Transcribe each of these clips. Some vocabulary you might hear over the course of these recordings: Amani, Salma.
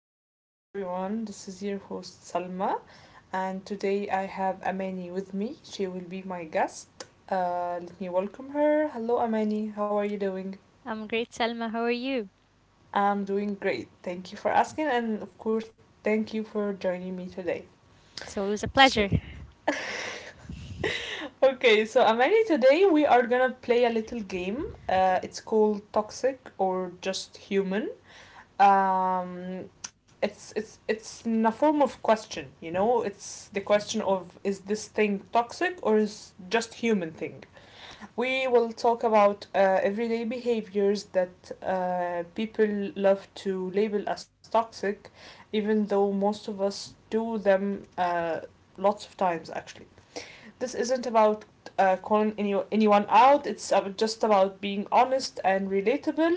welcome back, everyone. This is your host Salma, and today I have Amani with me. She will be my guest. Let me welcome her. Hello, Amani. How are you doing? I'm great, Selma. How are you? I'm doing great. Thank you for asking, and of course, thank you for joining me today. It's always a So, pleasure. okay, so Amani, today we are gonna play a little game. It's called Toxic or Just Human. Um, it's it's it's in a form of question, you know, it's the question of is this thing toxic or is just human thing. We will talk about everyday behaviors that people love to label as toxic, even though most of us do them lots of times, actually. This isn't about calling anyone out. It's just about being honest and relatable.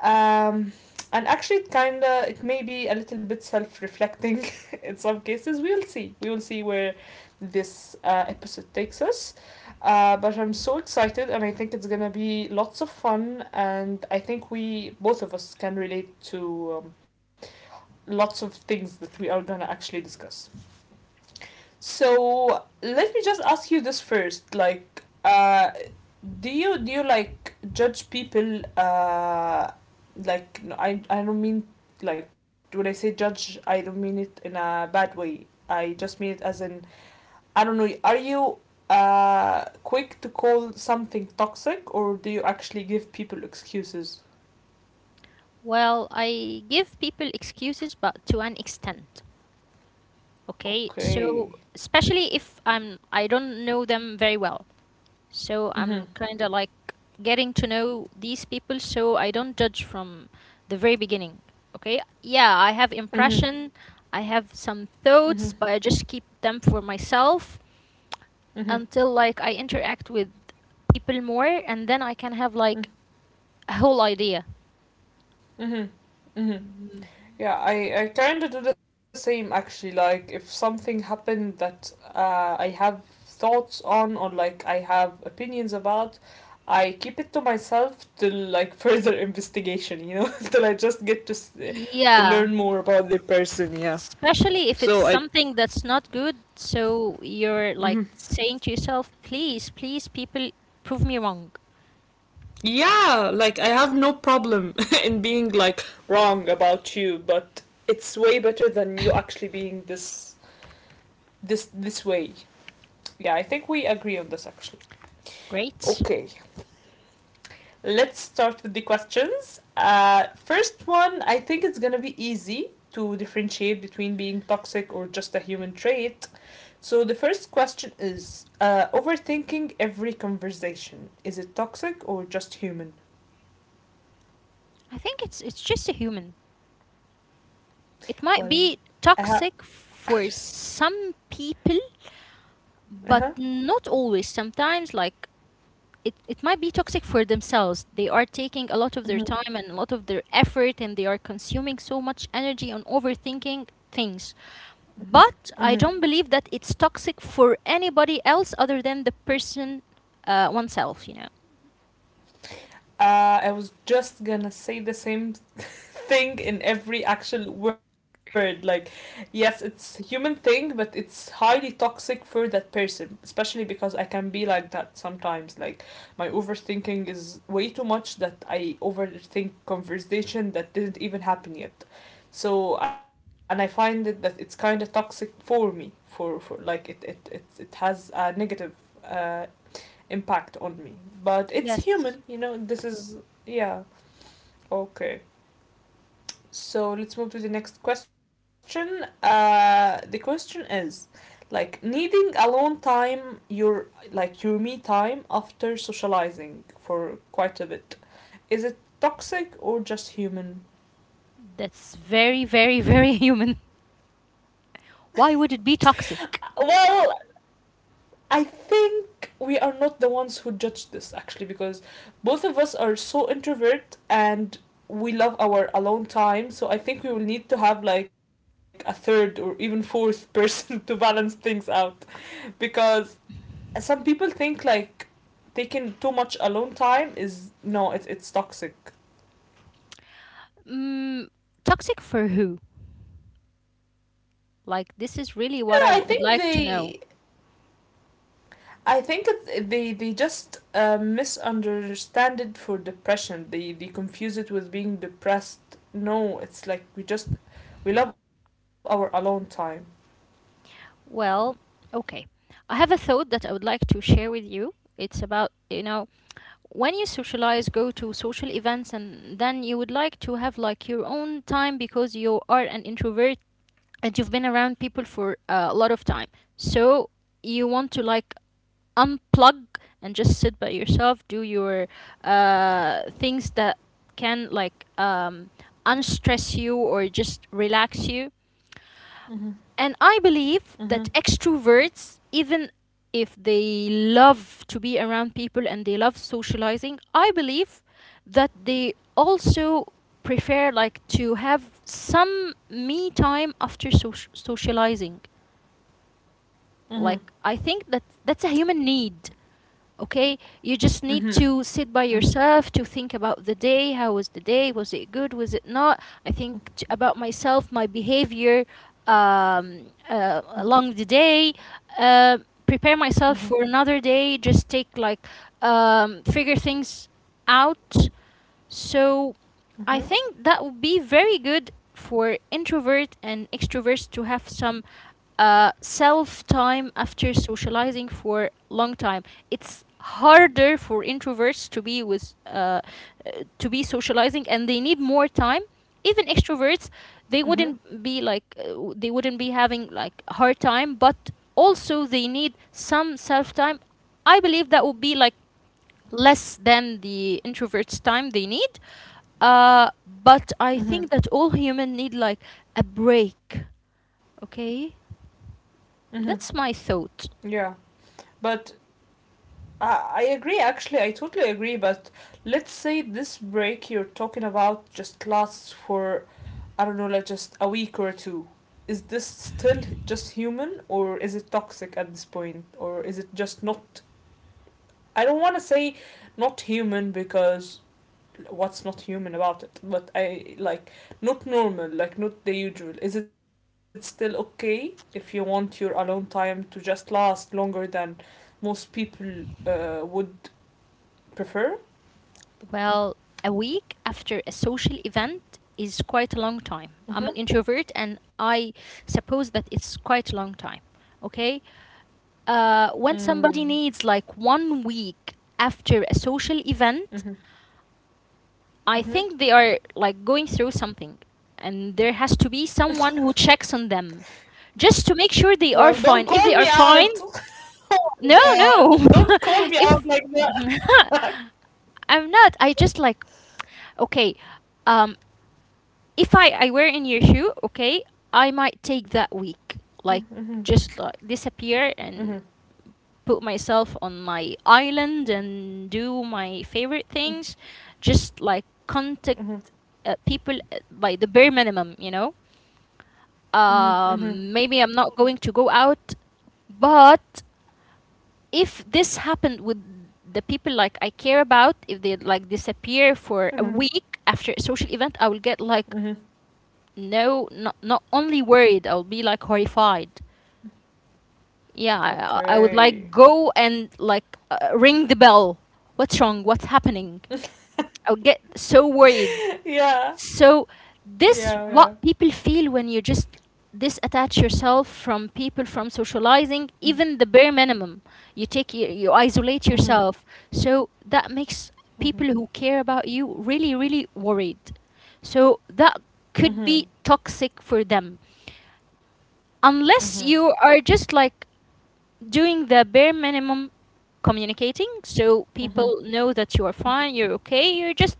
um, and actually, it kinda, it may be a little bit self-reflecting in some cases. We will see. We will see where this episode takes us. But I'm so excited, and I think it's gonna be lots of fun. And I think we, both of us, can relate to lots of things that we are gonna actually discuss. So let me just ask you this first. Like, do you like judge people? Like, no, I don't mean, like, when I say judge, I don't mean it in a bad way. I just mean it as in, I don't know. Are you quick to call something toxic, or do you actually give people excuses? Well, I give people excuses, but to an extent. Okay, Okay. so especially if I'm I don't know them very well, so Mhm. I'm kind of like getting to know these people, so I don't judge from the very beginning. Okay, yeah, I have Mhm. impression, I have some Mhm. thoughts, but I just keep them for myself Mhm. until like I interact with people more, and then I can have Mhm. like a whole idea. Mhm. Mhm. Yeah, I kind of do the same actually. Like, if something happened that I have thoughts on, or like I have opinions about, I keep it to myself till, like, further investigation, you know, till I just get to to Yeah, learn more about the person. Yeah. especially if it's So I. something that's not good. So you're like Mhm. saying to yourself, please, please, people, prove me wrong. Yeah, like I have no problem in being like wrong about you, but it's way better than you actually being this way. Yeah, I think we agree on this actually. Great. Okay, let's start with the questions. First one, I think it's gonna be easy to differentiate between being toxic or just a human trait. So the first question is, overthinking every conversation. Is it toxic or just human? I think it's just a human. It might Well, be I have. toxic for some people, Uh but huh. not always. Sometimes like it might be toxic for themselves. They are taking a lot of their Mm-hmm. time and a lot of their effort and they are consuming so much energy on overthinking things. But I Mm-hmm. don't believe that it's toxic for anybody else other than the person, oneself, you know. I was just gonna say the same thing in every actual word. Like, yes, it's a human thing, but it's highly toxic for that person, especially because I can be like that sometimes. Like, my overthinking is way too much that I overthink conversation that didn't even happen yet. So, and I find it that it's kind of toxic for me, for like it has a negative uh, impact on me. But Yes. it's human, you know, this is, yeah, okay. So let's move to the next question. The question is like needing alone time, your like your me time after socializing for quite a bit. Is it toxic or just human? That's very, very, very human. Why would it be toxic? Well, I think we are not the ones who judge this actually because both of us are so introvert and we love our alone time. So I think we will need to have like a third or even fourth person to balance things out because some people think like taking too much alone time is, no, it's toxic. Mm, toxic for who? Like, this is I don't really what I know. I would think like to know. they I think it, they just misunderstand it for depression. They confuse it with being depressed. No, it's like we just, we love our alone time. Well, okay. I have a thought that I would like to share with you. It's about, you know, when you socialize, go to social events, and then you would like to have like your own time because you are an introvert and you've been around people for a lot of time, so you want to like unplug and just sit by yourself, do your things that can like unstress you or just relax you. Mhm. And I Mhm. believe that extroverts, even if they love to be around people and they love socializing, I believe that they also prefer like to have some me time after socializing. Like, I think that that's a human need. Okay, you just need Mhm. to sit by Mhm. yourself to think about the day, how was the day, was it good, was it not. I think about myself, my behavior, along the day, uh, prepare myself Mhm. for another day, just take like figure things out. So I Mhm. think that would be very good for introvert and extroverts to have some self time after socializing for long time. It's harder for introverts to be with to be socializing, and they need more time. Even extroverts, they Mhm. wouldn't be like they wouldn't be having like a hard time, but also they need some self time. I believe that would be like less than the introverts time they need, but I Mhm. think that all human need like a break. Okay, Mhm. that's my Yeah, thought. but I I agree. Actually, I totally agree. But let's say this break you're talking about just lasts for, I don't know, like just a week or two. Is this still just human or is it toxic at this point? Or is it just not. I don't want to say not human because what's not human about it, but I like not normal, like not the usual. Is it still okay if you want your alone time to just last longer than most people would prefer? Well, a week after a social event is quite a long time. I'm Mm-hmm. an introvert, and I suppose that it's quite a long time. Okay, when Mm-hmm. somebody needs like one week after a social event, Mm-hmm. I think they are like going through something, and there has to be someone who checks on them just to make sure they are Well, don't fine. If they call are me fine, out. Oh no, my god. no. Don't call me out if like that. I'm not, I just like okay. Um, if I were in your shoe, okay, I might take that week, Mhm, like just like mhm, disappear and put myself on my island and do my favorite things, just like contact mhm, people by the bare minimum, you know. mhm, mhm, Maybe I'm not going to go out, but if this happened with the people like I care about, if they like disappear for a mhm, week after a social event, I will get like mhm. no, not only worried, I will be like horrified. Yeah, I would Okay. like go and like ring the bell. What's wrong? What's happening? I would get so worried. Yeah. So this Yeah, what yeah. people feel when you just disattach yourself from people, from socializing, Mhm, even the bare minimum. You take you isolate mhm, yourself, so that makes people mhm, who care about you really, really worried. So that could mhm, be toxic for them, unless mhm, you are just like doing the bare minimum, communicating so people know that you are fine, you're okay, you're just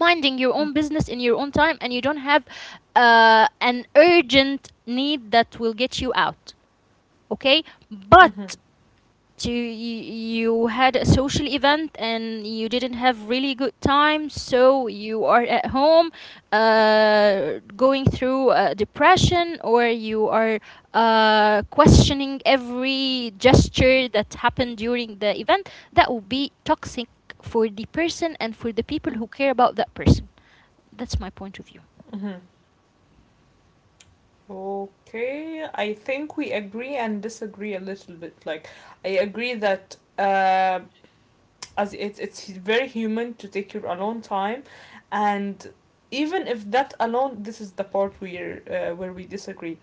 minding your own business in your own time, and you don't have an urgent need that will get you out. Okay, mhm, but to, you, you had a social event and you didn't have really good time, so you are at home going through depression, or you are questioning every gesture that happened during the event. That would be toxic for the person and for the people who care about that person. That's my point of view. mhm. Okay, I think we agree and disagree a little bit. Like, I agree that, as it's very human to take your alone time, and even if that alone, this is the part where we disagree,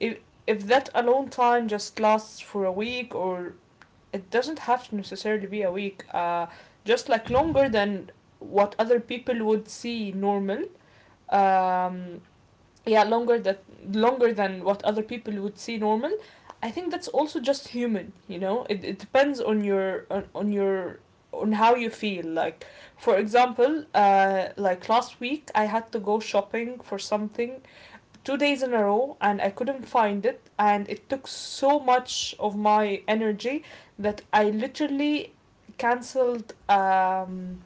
if if that alone time just lasts for a week, or it doesn't have to necessarily be a week, just like longer than what other people would see normal. um yeah longer that Longer than what other people would see normal. I think that's also just human, you know. It depends on your, on your, on how you feel, like. For example, like last week I had to go shopping for something two days in a row and I couldn't find it, and it took so much of my energy that I literally cancelled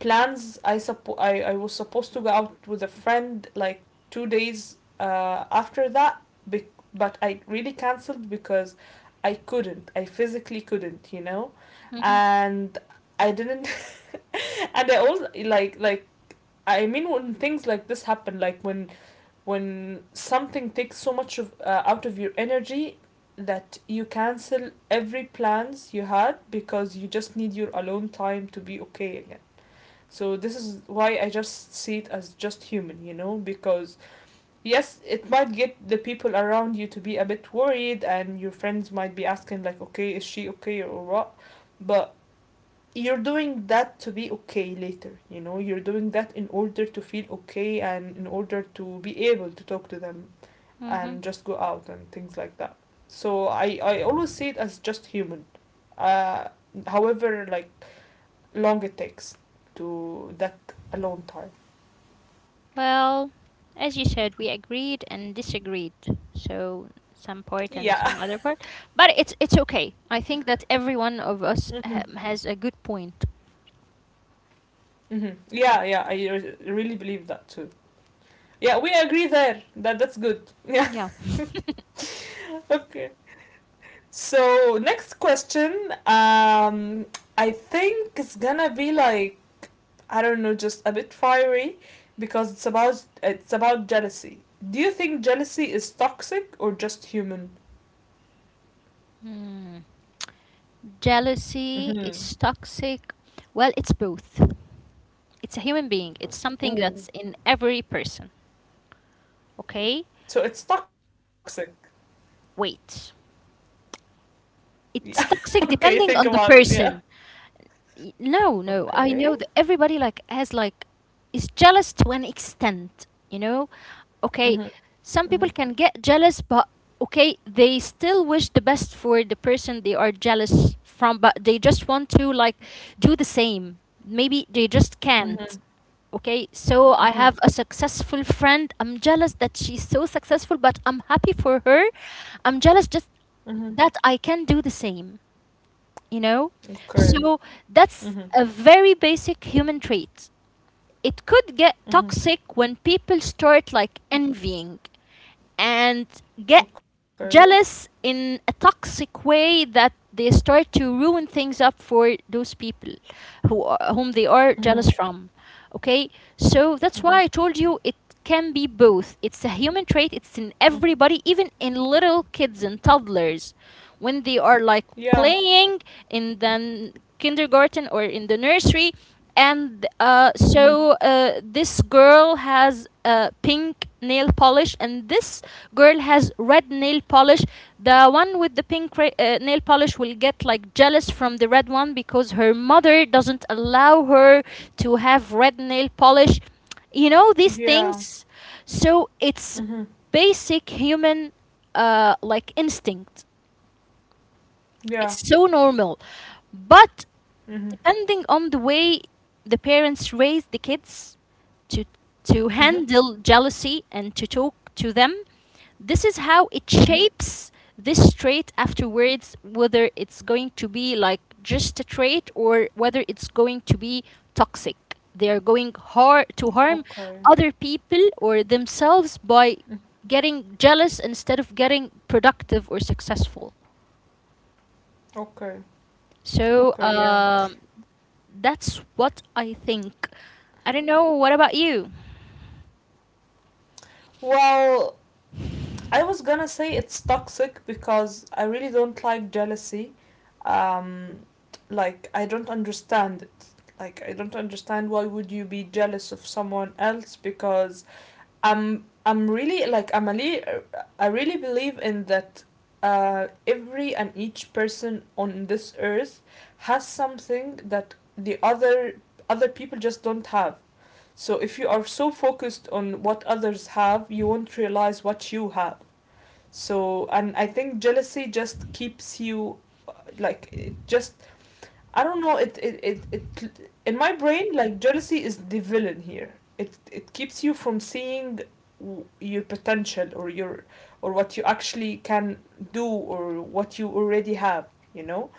plans. I was supposed to go out with a friend like two days after be- but I really cancelled because I couldn't, I physically couldn't, you know. Hmm. And I didn't and I also like, I mean when things like this happen, like when something takes so much of, out of your energy, that you cancel every plans you had because you just need your alone time to be okay again. So this is why I just see it as just human, you know, because yes, it might get the people around you to be a bit worried, and your friends might be asking like, okay, is she okay or what? But you're doing that to be okay later, you know, you're doing that in order to feel okay and in order to be able to talk to them Hmm. and just go out and things like that. So I always see it as just human. Uh, however like long it takes to that, a long time. Well, as you said, we agreed and disagreed. So some part and Yeah. some other part, but it's okay. I think that every one of us Hmm. Has a good point. Hmm. Yeah, yeah, really believe that too. Yeah, we agree there. That that's good. Yeah. Yeah. Okay. So, next question, um, I think it's gonna be like, I don't know, just a bit fiery because it's about, it's about jealousy. Do you think jealousy is toxic or just human? Mm. Jealousy Mhm. is toxic. Well, it's both. It's a human being. It's something that's Ooh. in every person. Okay? So it's toxic. Wait. Yeah. It's Okay, toxic think depending about it. on the Yeah. person. No, no. I Okay. know that everybody like has like, is jealous to an extent, you know? Okay, Mhm. some Mhm. people can get jealous, but okay, they still wish the best for the person they are jealous from, but they just want to like do the same. Maybe they just can't. Mhm. Okay, so I Mhm. have a successful friend. I'm jealous that she's so successful, but I'm happy for her. I'm jealous just Mhm. that I can do the same, you know? Okay. So that's Mhm. a very basic human trait. It could get Mhm. toxic when people start like envying and get Okay. jealous in a toxic way, that they start to ruin things up for those people who are, whom they are Mhm. jealous from. Okay? So that's Mhm. why I told you it can be both. It's a human trait, it's in Mm. everybody, even in little kids and toddlers, when they are like Yeah. playing in the kindergarten or in the nursery, and Mhm. This girl has pink nail polish and this girl has red nail polish. The one with the pink nail polish will get like jealous from the red one because her mother doesn't allow her to have red nail polish, you know, these Yeah. things. So it's Mhm. basic human, like instinct. Yeah. It's so normal. But Mhm. depending on the way the parents raise the kids to Mhm. handle jealousy and to talk to them, this is how it Mhm. shapes this trait afterwards, whether it's going to be like just a trait or whether it's going to be toxic. They are going to harm Okay. other people or themselves by Mm. getting jealous instead of getting productive or successful. Okay. So Okay. Yeah. That's what I think. I don't know. What about you? Well, I was gonna say it's toxic because I really don't like jealousy. Um, like I don't understand it. Like I don't understand why would you be jealous of someone else, because I'm really like I really believe in that every and each person on this earth has something that the other people just don't have. So if you are so focused on what others have, you won't realize what you have. So, and I think jealousy just keeps you, like it just, I don't know. It in my brain, like jealousy is the villain here. It keeps you from seeing your potential or your, or what you actually can do or what you already have. You know.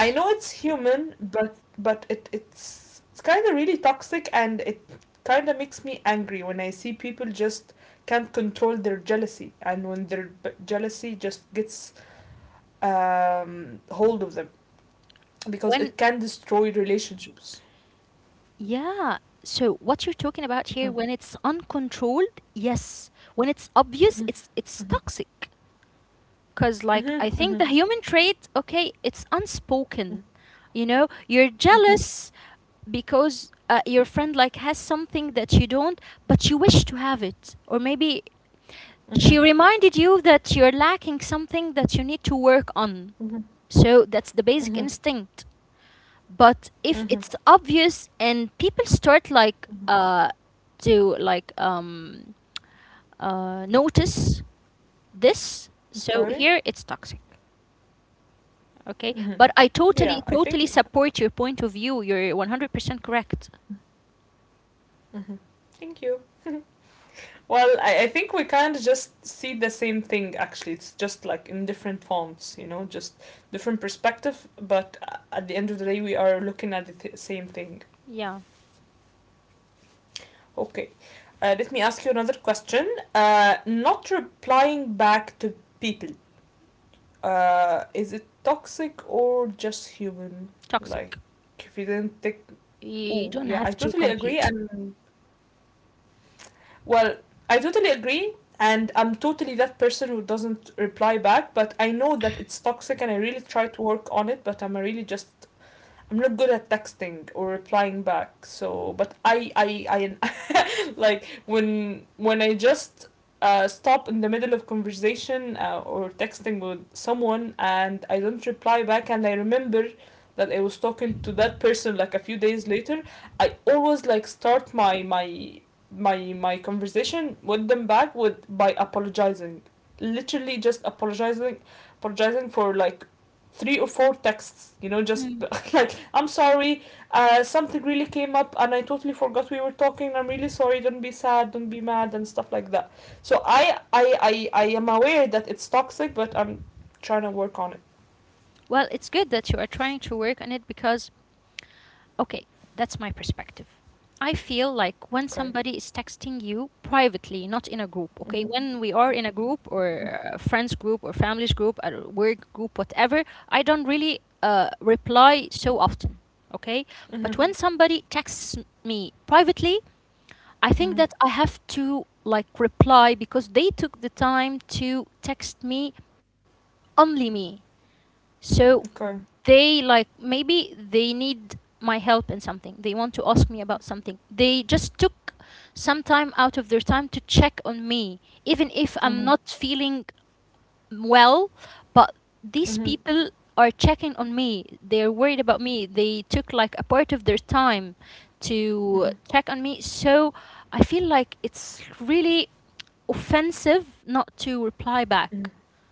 I know it's human, but it's kind of really toxic, and it kind of makes me angry when I see people just can't control their jealousy and when their jealousy just gets hold of them, because When, it can destroy relationships. yeah. So what you're talking about here, Okay. when it's uncontrolled, yes. When it's obvious, it's toxic. Cause like I think the human trait, okay, it's unspoken. You know, you're jealous because your friend like has something that you don't, but you wish to have it, or maybe she reminded you that you're lacking something that you need to work on. So that's the basic instinct. But if it's obvious and people start like to like notice this, so here it's toxic. Okay? But I totally Yeah, I totally think. support your point of view. You're 100% correct. Thank you. Well, I think we kind of just see the same thing actually. It's just like in different fonts, you know, just different perspective, but at the end of the day, we are looking at the same thing. Yeah, Okay. Let me ask you another question. Not replying back to people. Is it toxic or just human? Like, toxic. if you didn't take. You Oh, don't yeah, I have to totally agree. complete. And, well, I totally agree. And I'm totally that person who doesn't reply back, but I know that it's toxic and I really try to work on it, but I'm really just, I'm not good at texting or replying back. So, but I like when I just stop in the middle of conversation or texting with someone and I don't reply back and I remember that I was talking to that person like a few days later, I always like start my conversation with them back with by apologizing. Literally just apologizing apologizing for like three or four texts, just Mm. like I'm sorry, something really came up and I totally forgot we were talking. I'm really sorry. Don't be sad. Don't be mad and stuff like that. So I am aware that it's toxic, but I'm trying to work on it. Well, it's good that you are trying to work on it because okay, that's my perspective. I feel like when Okay. somebody is texting you privately, not in a group, okay? Mhm. When we are in a group or a friends group or families group, a work group, whatever, I don't really reply so often, okay? But when Mhm. somebody texts me privately, I think that I have Mhm. to like reply because they took the time to text me, only me. So Okay. they like maybe they need my help in something. They want to ask me about something. They just took some time out of their time to check on me even if I'm not feeling Mhm. well. But these people Mhm. are checking on me, they're worried about me, they took like a part of their time to check on me. Mhm. So I feel like it's really offensive not to reply back. Mhm.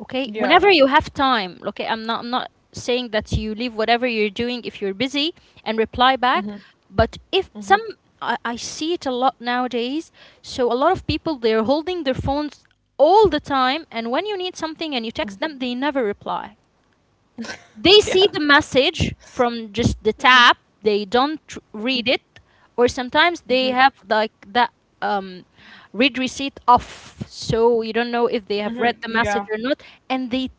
Okay, whenever you Yeah. have time. Okay, I'm not saying that you leave whatever you're doing if you're busy and reply back. Mhm. But if some Mhm. I see it a lot nowadays. So a lot of people, they're holding their phones all the time, and when you need something and you text them, Mhm. they never reply. They see the Yeah. message from just the tap. Mhm. They don't tr- read it. Mhm. Or sometimes they have Mhm. like that um read receipt off, so you don't know if they have read the Mhm. message or Yeah. not. And they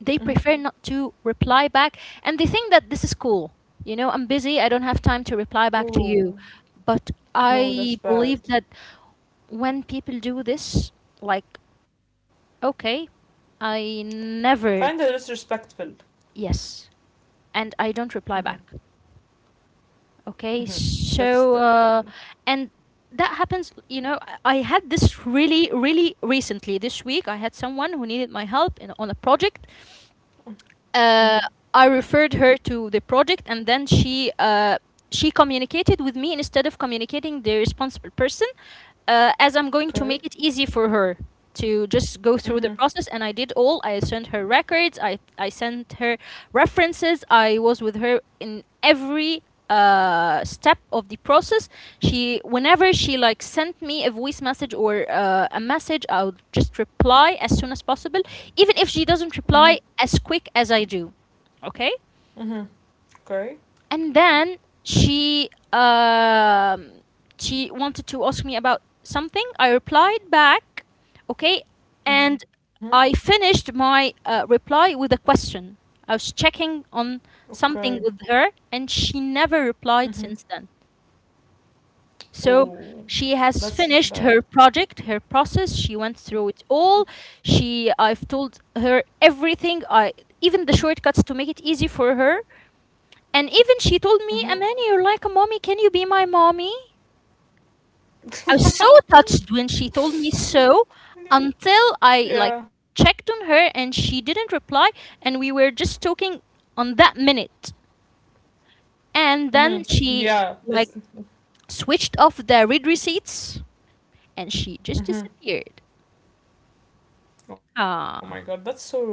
they Mhm. prefer not to reply back, and they think that this is cool. You know, I'm busy, I don't have time to reply back to you. Oh, But I no, that's believe that bad. when people do this, like, okay, I never. Kinda disrespectful. Yes. And I don't reply back. Mhm. Okay. Mhm. That's that. And that happens, you know. I had this really really recently. This week I had someone who needed my help in, on a project. uh, I referred her to the project, and then she communicated with me instead of communicating the responsible person, as I'm going to make it Okay. easy for her to just go through the process. Mhm. And I did all. I sent her records. I sent her references. I was with her in every step of the process. She, whenever she like sent me a voice message or a message, I would just reply as soon as possible, even if she doesn't reply Mhm. as quick as I do. Okay. Mhm. Okay. And then she um, she wanted to ask me about something. I replied back. Okay. And Mhm. I finished my reply with a question. I was checking on Okay. something with her, and she never replied Mhm. since then. So Oh, she has that's finished her bad. project, her process. She went through it all. She, I've told her everything. I even the shortcuts to make it easy for her. And even she told me, Mhm. "Amani, you're like a mommy. Can you be my mommy?" I was so touched when she told me so. Until I like Yeah. checked on her and she didn't reply, and we were just talking on that minute. And Mhm. then she Yeah. like It's. switched off the read receipts and she just Mhm. disappeared. Oh my god, that's Ah, so rude.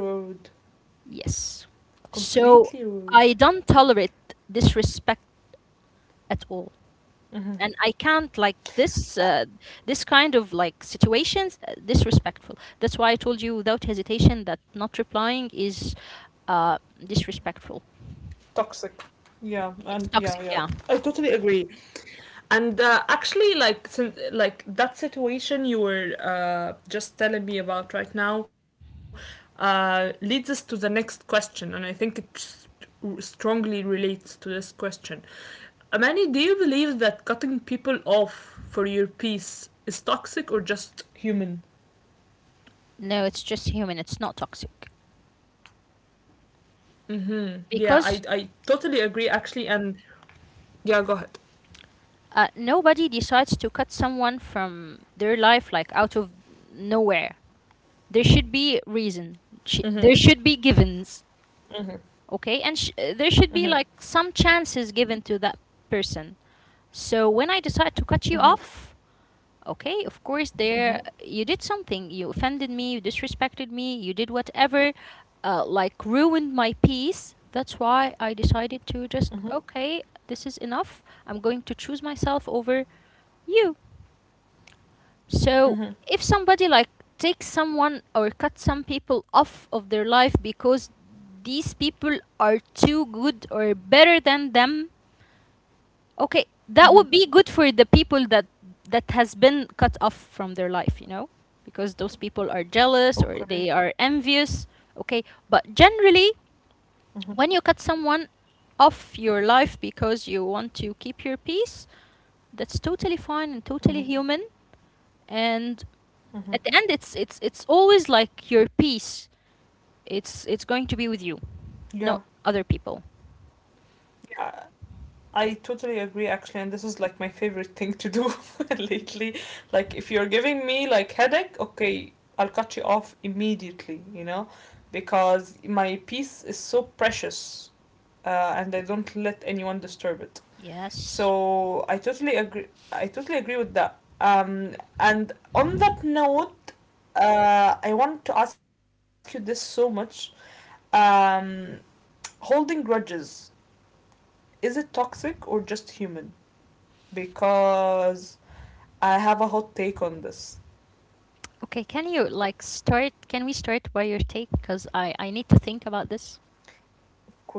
yes. Completely rude. So I don't tolerate disrespect at all, Mhm. and I can't like this Ah, this kind of like situations disrespectful. That's why I told you without hesitation that not replying is uh, disrespectful. toxic. Yeah. And It's yeah, toxic, yeah. yeah. I totally agree. And actually, like since, like that situation you were just telling me about right now leads us to the next question, and I think it strongly relates to this question. Amani, do you believe that cutting people off for your peace is toxic or just human? No, it's just human. It's not toxic Hmm. Yeah, I because totally agree actually, and yeah, go ahead. Nobody decides to cut someone from their life like out of nowhere. There should be reason. Mm-hmm. There should be givens. Mm-hmm. Okay, and there should Mm-hmm. be like some chances given to that person. So when I decide to cut you off, okay, of course there Mm-hmm. you did something. You offended me, you disrespected me, you did whatever, like ruined my peace. That's why I decided to just Mm-hmm. okay, this is enough. I'm going to choose myself over you. So, Mm-hmm. if somebody like takes someone or cuts some people off of their life because these people are too good or better than them, okay, that would Mm-hmm. be good for the people that that has been cut off from their life, you know, because those people are jealous or they Okay. are envious, okay? But generally, Mm-hmm. when you cut someone off your life because you want to keep your peace, that's totally fine and totally Mm-hmm. human. And at the Mm-hmm. end, it's always like your peace. It's going to be with you, Yeah, not other people. yeah, I totally agree actually, and this is like my favorite thing to do lately. Like, if you're giving me like headache, okay, I'll cut you off immediately, you know, because my peace is so precious, and I don't let anyone disturb it. Yes. So I totally agree. I totally agree with that. And on that note, I want to ask you this so much. Um, holding grudges. Is it toxic or just human? Because I have a hot take on this. Okay, can you like start, can we start by your take? Because I need to think about this. Of course.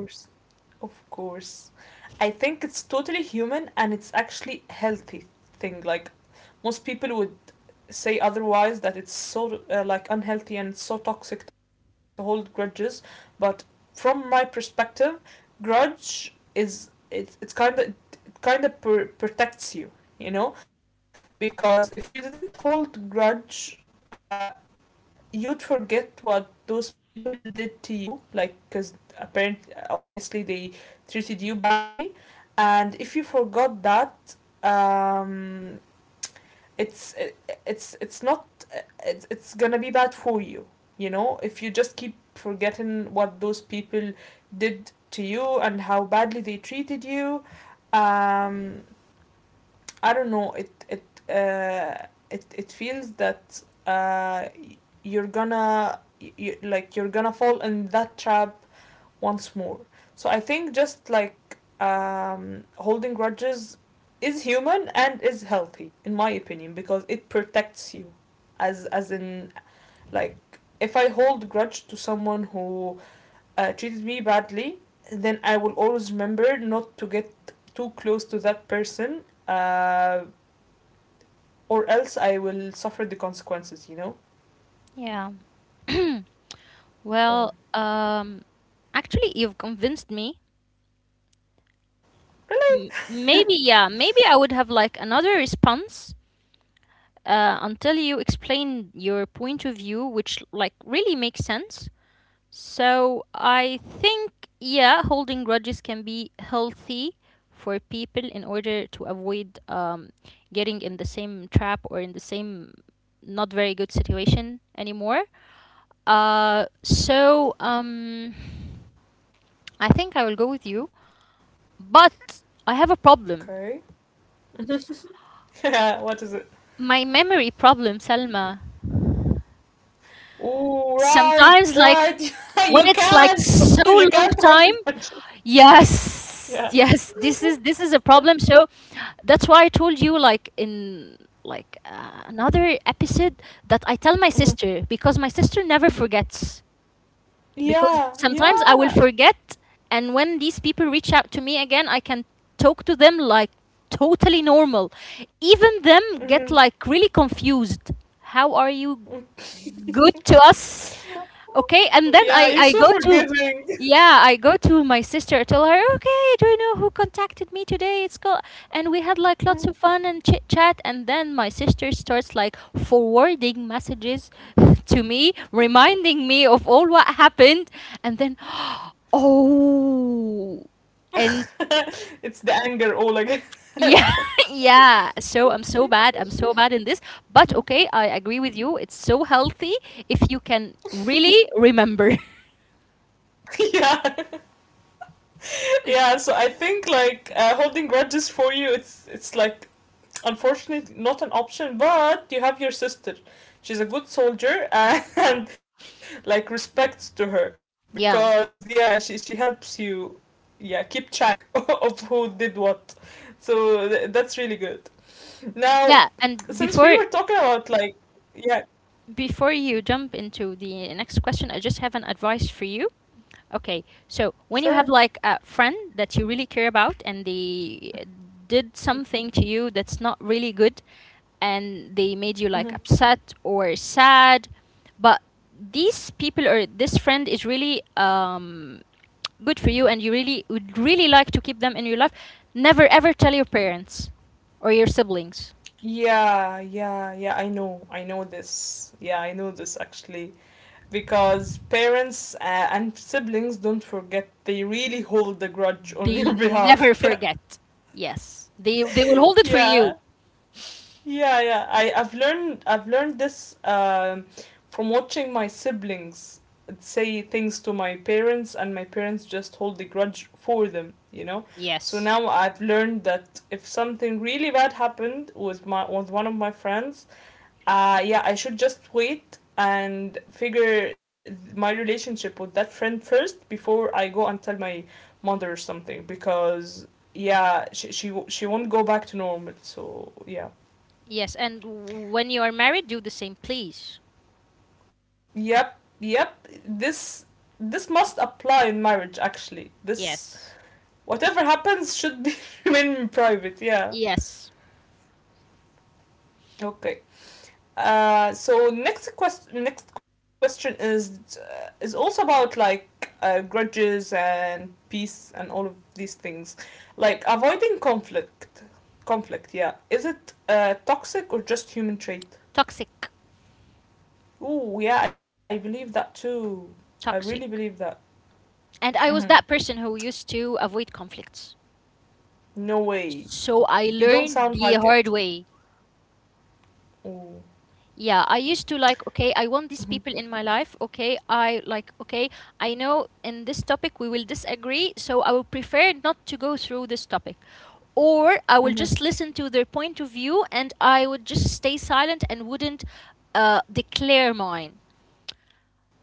Of course. I think it's totally human and it's actually healthy thing. Like most people would say otherwise that it's so like unhealthy and it's so toxic to hold grudges, but from my perspective, grudge is it's kind of it kind of protects you, you know? Because if you didn't hold grudge uh, you'd forget what those people did to you, like, because apparently, obviously, they treated you badly, and if you forgot that, um, it's it's not it's it's gonna be bad for you, you know. If you just keep forgetting what those people did to you and how badly they treated you, um, I don't know. Uh, it feels that you're gonna you, like you're gonna fall in that trap once more. So I think just like holding grudges is human and is healthy in my opinion because it protects you as in like if I hold grudge to someone who treated me badly, then I will always remember not to get too close to that person, or else I will suffer the consequences, you know? Yeah. Okay. Well, actually, you've convinced me. Maybe, yeah, maybe I would have like another response until you explain your point of view, which like really makes sense. So I think, yeah, holding grudges can be healthy for people in order to avoid getting in the same trap or in the same not very good situation anymore. Uh, Mm-hmm. so um, I think I will go with you, but I Okay. have a problem. Yeah, what is it? My memory problem, Salma. Oh right, right. Sometimes, like You when can't. it's like You so can't hold it long conscious. time. Yeah. Yes, yes. This is a problem. So that's why I told you, like in like another episode, that I tell my Mhm. sister because my sister never Y- forgets. Because Yeah, sometimes I will yeah. forget, and when these people reach out to me again, I can talk to them like totally normal. Even them Hmm. get like really confused. How are you good to us? Okay, and then Yeah, you're I so I go to forgiving. yeah, I go to my sister. I tell her, okay, do you know who contacted me today? It's called, and we had like lots of fun and chit chat. And then my sister starts like forwarding messages to me, reminding me of all what happened. And then, oh, and It's the anger all again. yeah, yeah. So I'm so bad. I'm so bad in this. But okay, I agree with you. It's so healthy if you can really remember. Yeah. Yeah, so I think like holding grudges for you, it's like unfortunately not an option. But you have your sister. She's a good soldier and, and like respects to her because Yeah. yeah, she helps you, yeah, keep track of who did what. So that's really good. Now, Yeah, and since we before were talking about like, yeah, before you jump into the next question, I just have an advice for you. Okay, so when you have sure. like a friend that you really care about and they did something to you that's not really good and they made you Hmm. like upset or sad, but these people or this friend is really good for you and you really would really like to keep them in your life, never ever tell your parents or your siblings. Yeah, yeah, yeah, I know. I know this. Yeah, I know this actually. Because parents and siblings don't forget, they really hold the grudge on They your behalf. never Yeah, forget. Yes. They will hold it for you. yeah, yeah, yeah, I've learned I've learned this from watching my siblings say things to my parents and my parents just hold the grudge for them, you know. So Yes. now I've learned that if something really bad happened with my with one of my friends, yeah, I should just wait and figure my relationship with that friend first before I go and tell my mother or something because yeah, she she won't go back to normal. So yeah, Yes. And when you are married, do the same, please. yep, yep. This this must apply in marriage actually. This Yes. whatever happens should be remain private. Yeah. Yes. Okay. So next question, next question is also about like grudges and peace and all of these things, like avoiding conflict conflict, yeah, is it toxic or just human trait? Toxic. Ooh, yeah, I believe that too. I really believe Toxic. that. And Hmm. I was that person who used to avoid conflicts. No way. So I You don't learned sound the like hard it. way. Ooh. Yeah, I used to like, okay, I want these Hmm. people in my life. Okay, I like, okay, I know in this topic we will disagree, so I will prefer not to go through this topic. Or I will Hmm. just listen to their point of view and I would just stay silent and wouldn't declare mine.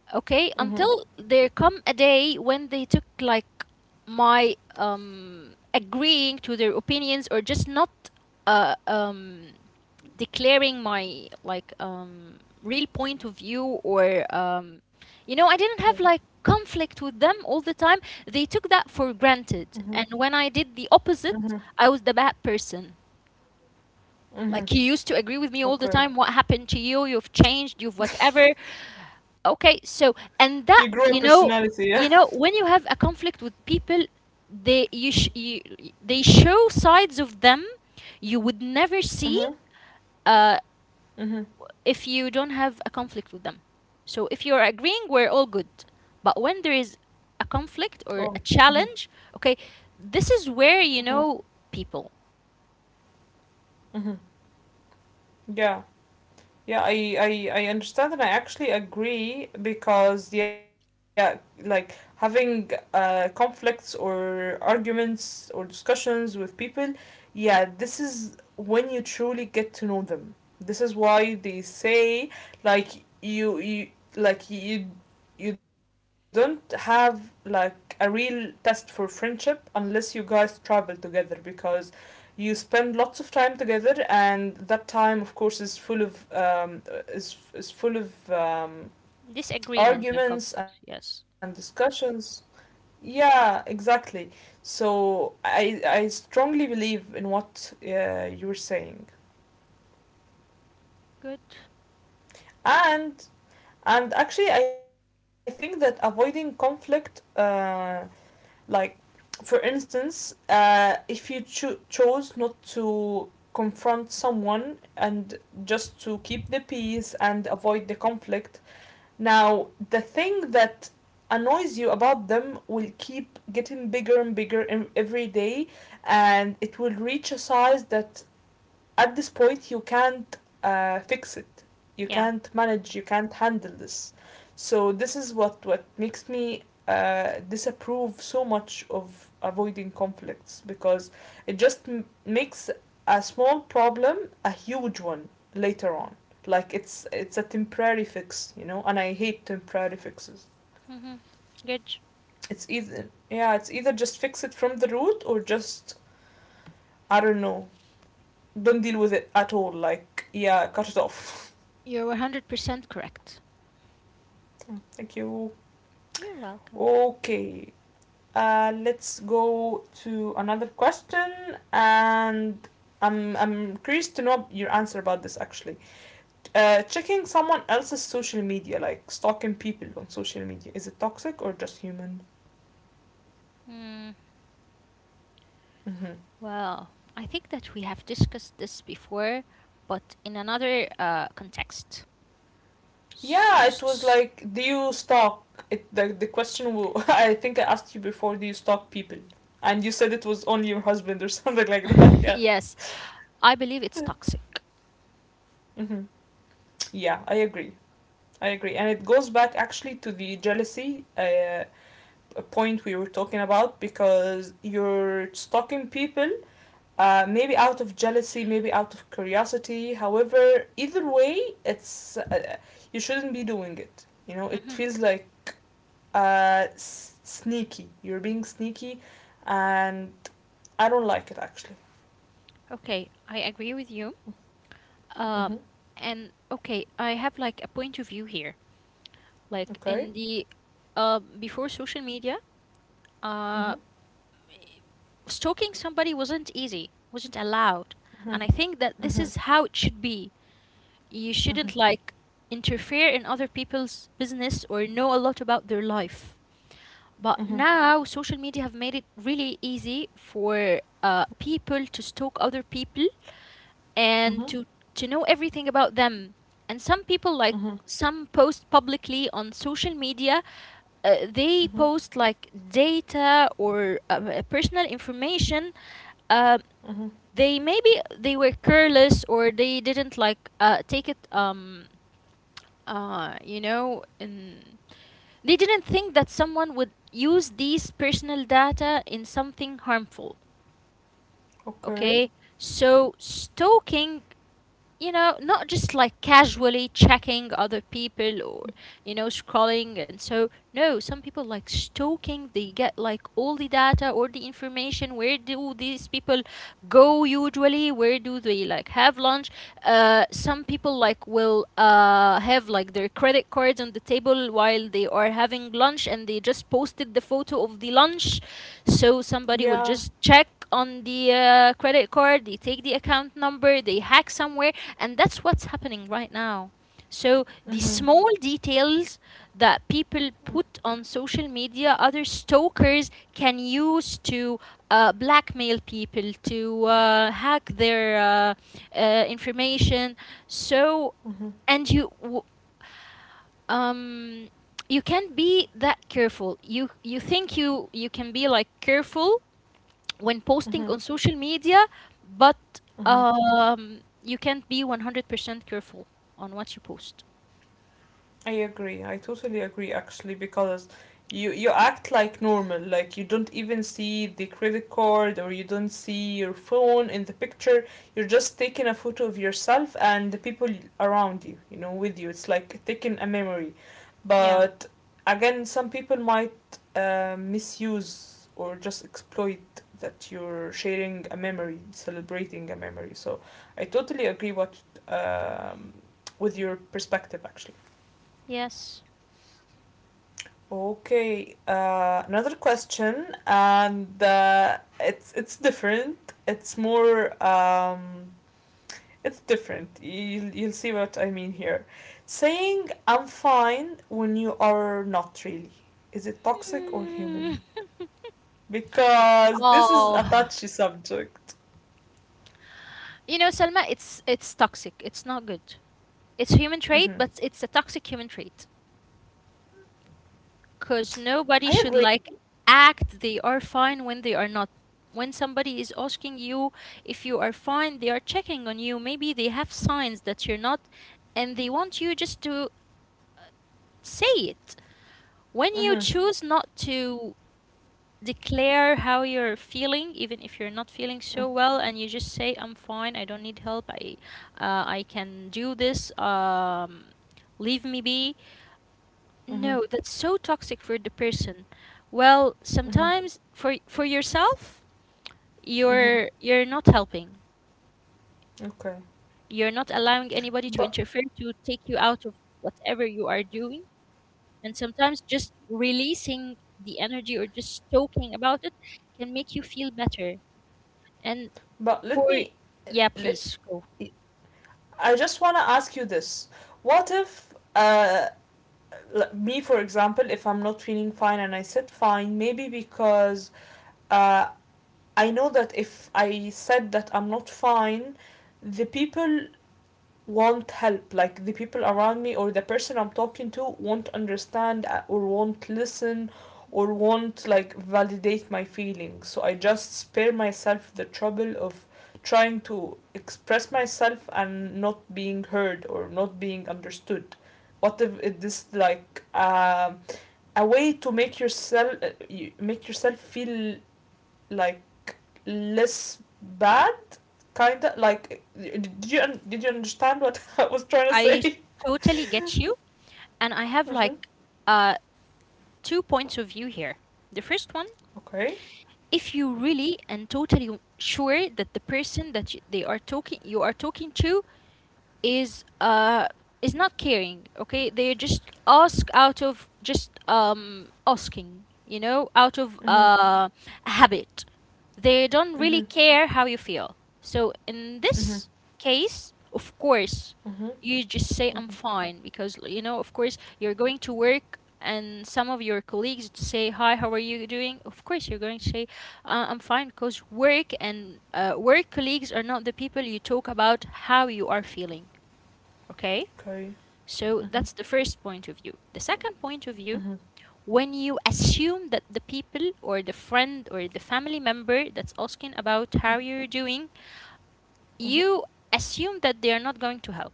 Hmm. Okay, until there come a day when they took like my agreeing to their opinions or just not uh, um, declaring my like real point of view or you know I Okay. didn't have like conflict with them all the time. They took that for granted, Hmm. and when I did the opposite, Hmm. I was the bad person. Hmm. Like, you used to agree with me all the Okay. time, what happened to you, you've changed, you've whatever. Okay, so You grew a and that, you personality, yeah. know, you know when you have a conflict with people, they you, you, they show sides of them you would never see Mm-hmm. uh, Mm-hmm. if you don't have a conflict with them. So if you're agreeing, we're all good. But when there is a Oh, conflict or a mhm, challenge, okay, this is where mhm, you know people mhm. Yeah. Yeah, I understand and I actually agree because yeah, like having conflicts or arguments or discussions with people, yeah, this is when you truly get to know them. This is why they say like you you don't have like a real test for friendship unless you guys travel together because you spend lots of time together and that time of course is full of is full of disagreement and conflict. arguments and Yes, discussions, yeah exactly, so I strongly believe in what you're saying, good. and and actually I think that avoiding conflict like, for instance, if you chose not to confront someone and just to keep the peace and avoid the conflict, now the thing that annoys you about them will keep getting bigger and bigger in- every day, and it will reach a size that at this point you can't fix it, you Yeah, can't manage, you can't handle this, so this is what makes me disapprove so much of avoiding conflicts because it just makes a small problem a huge one later on, like it's a temporary fix, you know, and I hate temporary fixes. mm-hmm. Good. It's either yeah it's either just fix it from the root or just, I don't know, don't deal with it at all, like yeah, cut it off. You're 100% correct. Thank you. Okay. Let's go to another question, and I'm curious to know your answer about this actually. Checking someone else's social media, like stalking people on social media, is it toxic or just human? Hmm. Mm-hmm. Well, I think that we have discussed this before, but in another context. Yeah, it was S- like, do you stalk? It The question I think I asked you before. Do you stalk people? And you said it was only your husband or something like that. Yeah. yes, I believe it's toxic. Mm-hmm. Yeah, I agree. I agree, and it goes back actually to the jealousy point we were talking about because you're stalking people, maybe out of jealousy, maybe out of curiosity. However, either way, it's you shouldn't be doing it. You know, it feels like sneaky. You're being sneaky, and I don't like it actually. Okay, I agree with you. Mm-hmm. Um, and okay, I have like a point of view here. Like Okay. in the before social media, Mm-hmm. uh, stalking somebody wasn't easy, wasn't allowed. And I think that this Mm-hmm. is how it should be. You Mm-hmm. Mm-hmm. shouldn't like interfere in other people's business or know a lot about their life. But Mm-hmm. now social media have made it really easy for people to stalk other people and Mm-hmm. To know everything about them. And some people like Mm-hmm. some post publicly on social media, they Mm-hmm. post like data or personal information. uh, Mm-hmm. they, maybe they were careless or they didn't like take it you know in, they didn't think that someone would use these personal data in something harmful. Okay. Okay, so stalking, you know, not just like casually checking other people or, you know, scrolling. And so, no, some people like stalking, they get like all the data or the information. Where do these people go usually? Where do they like have lunch? Some people like will have like their credit cards on the table while they are having lunch and they just posted the photo of the lunch. So somebody will Yeah. just check on the credit card, they take the account number, they hack somewhere, and that's what's happening right now. So Uh, uh the huh. small details that people put on social media, other stalkers can use to blackmail people, to hack their information. So Huh. and you w- um, you can't be that careful. You think you can be like careful when Uh posting huh. on social media, but Uh huh. You can't be 100% careful on what you post. I agree. I totally agree actually because you act like normal, like you don't even see the credit card or you don't see your phone in the picture. You're just taking a photo of yourself and the people around you, you know, with you. It's like taking a memory. Yeah. But again, some people might misuse or just exploit that you're sharing a memory, celebrating a memory. So I totally agree what um, with your perspective actually. Yes. Okay, another question, and it's different. It's more it's different. You'll see what I mean here. Saying I'm fine when you are not really. Is it toxic or Mm. human? Because this is a Oh, touchy subject. you know, Selma, it's toxic. It's not good. It's a human trait, Mm-hmm. but it's a toxic human trait because nobody I should agree. like act they are fine when they are not. When somebody is asking you if you are fine, they are checking on you. Maybe they have signs that you're not, and they want you just to say it. When you Mm-hmm. choose not to declare how you're feeling, even if you're not feeling Mm-hmm. so well, and you just say, "I'm fine. I don't need help. I can do this. Leave me be." Mm-hmm. No, that's so toxic for the person. Well, Mm-hmm. sometimes for yourself, Mm-hmm. You're not helping. Okay, You're not allowing anybody to but interfere to take you out of whatever you are doing. And sometimes just releasing the energy or just talking about it can make you feel better. And for, let me, yeah, let, please go. I just want to ask you this. What if, me for example, if I'm not feeling fine and I said fine, maybe because uh, I know that if I said that I'm not fine, the people want help, like the people around me or the person I'm talking to won't understand or won't listen or won't like validate my feelings, so I just spare myself the trouble of trying to express myself and not being heard or not being understood. What if it is like a way to make yourself feel like less bad? Kinda like, did you understand what I was trying to I say? totally get you. And I have Mm-hmm. like uh, two points of view here. The first one, Okay. if you really and totally sure that the person that you are talking to is uh is not caring. Okay, they just ask out of just asking, out of Mhm. Habit. They don't really Mhm. care how you feel. So in Mhm. this case, of course Mhm. you just say I'm Mhm. fine, because you know, of course you're going to work and some of your colleagues say hi, how are you doing. Of course you're going to say I'm fine, because work and work colleagues are not the people you talk about how you are feeling. Okay? Okay. So Mhm. that's the first point of view. The second point of view, Mhm. when you assume that the people or the friend or the family member that's asking about how you're doing, Mhm. you assume that they are not going to help.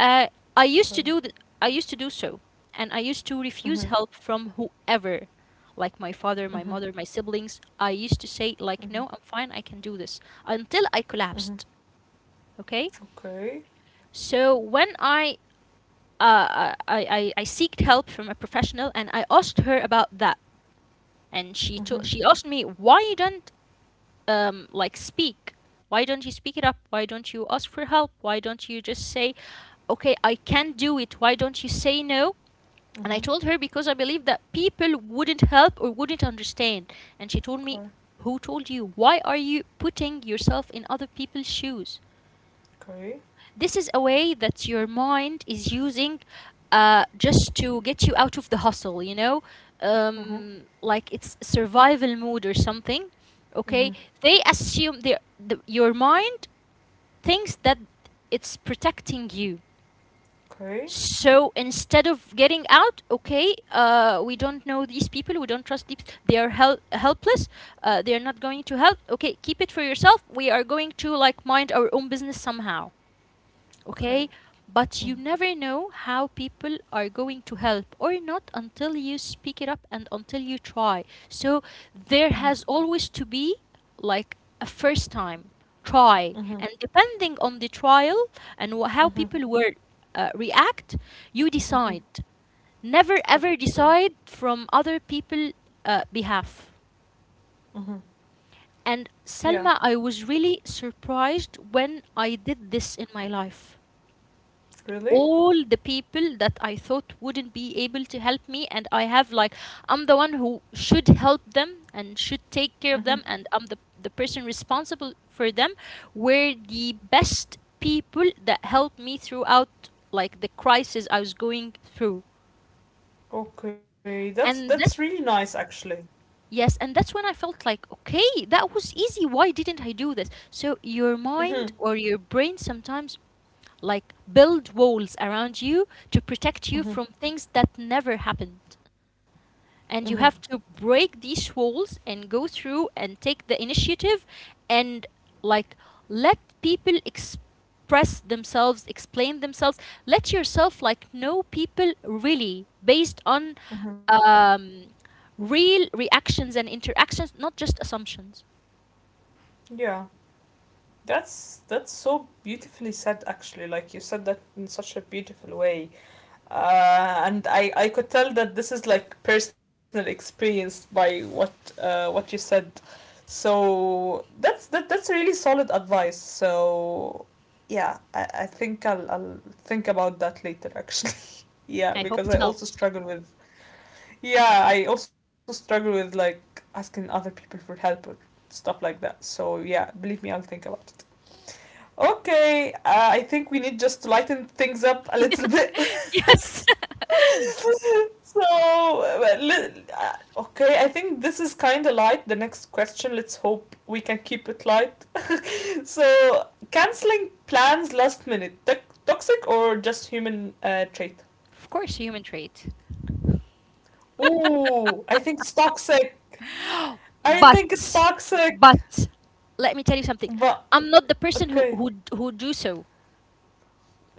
Uh, I used Okay. to do th- I used to do so, and I used to refuse Mhm. help from whoever, like my father, my Mhm. mother, my siblings. I used to say like, Mhm. "No, I'm fine. I can do this," until I Mhm. collapsed. Okay? Okay. So when uh, I seeked help from a professional and I asked her about that. And Mhm. She asked me, why you don't like speak? Why don't you speak it up? Why don't you ask for help? Why don't you just Mhm. say, okay, I can not do it. Why don't you say no? And I told her because I Mhm. believe that people wouldn't help or wouldn't understand. And she told me, who Okay. told you? Why are you putting yourself in other people's shoes? This Okay. is a way that your mind is using, just to get you out of the hustle, you know? Mhm. Like it's survival mode or something. Okay? They Mhm. assume your mind thinks that it's protecting you. Okay. So instead of getting out, okay, we don't know these people, we don't trust these, they are helpless, they are not going to help, okay, keep it for yourself, we are going to like mind our own business somehow, okay? Okay. But you never Mhm. know how people are going to help or not until you speak it up and until you try. So there has Mhm. always to be like a first time try, and Mhm. Mhm. depending on the trial and how people will, react, you decide. Mhm. Never ever decide Okay. from other people, behalf. Mhm. And Selma, I Yeah. was really surprised when I did this in my life. Really? All the people that I thought wouldn't be able to help me, and I have like I'm the one who should help them and should take care of them, Mhm. and I'm the person responsible for them, were the best people that helped me throughout like the crisis I was going through, Okay. And that. That's really nice actually. Yes, and that's when I felt like, okay, that was easy. Why didn't I do this? So your mind Mhm. or your brain sometimes like build walls around you to protect you from Mhm. things that never happened, and Mm-hmm. you have to break these walls and go through and take the initiative and like let people express themselves, explain themselves, let yourself like know people really based on, Mm-hmm. um real reactions and interactions, not just assumptions. Yeah, that's so beautifully said actually. Like you said that in such a beautiful way. And I could tell that this is like personal experience by what you said. So that's really solid advice. So yeah, I think I'll think about that later actually. Yeah, I hope because it I also helps. struggle with yeah I also struggle with like asking other people for help or stuff like that so yeah believe me I'll think about it. Okay, I think we need just to lighten things up a little bit. Yes. So okay, I think this is kind of light, the next question, let's hope we can keep it light. So canceling plans last minute, toxic or just human trait? Of course human trait. Ooh, I think it's toxic. I think it's But, toxic, but let me tell you something. but I'm not the person who okay, who who do so.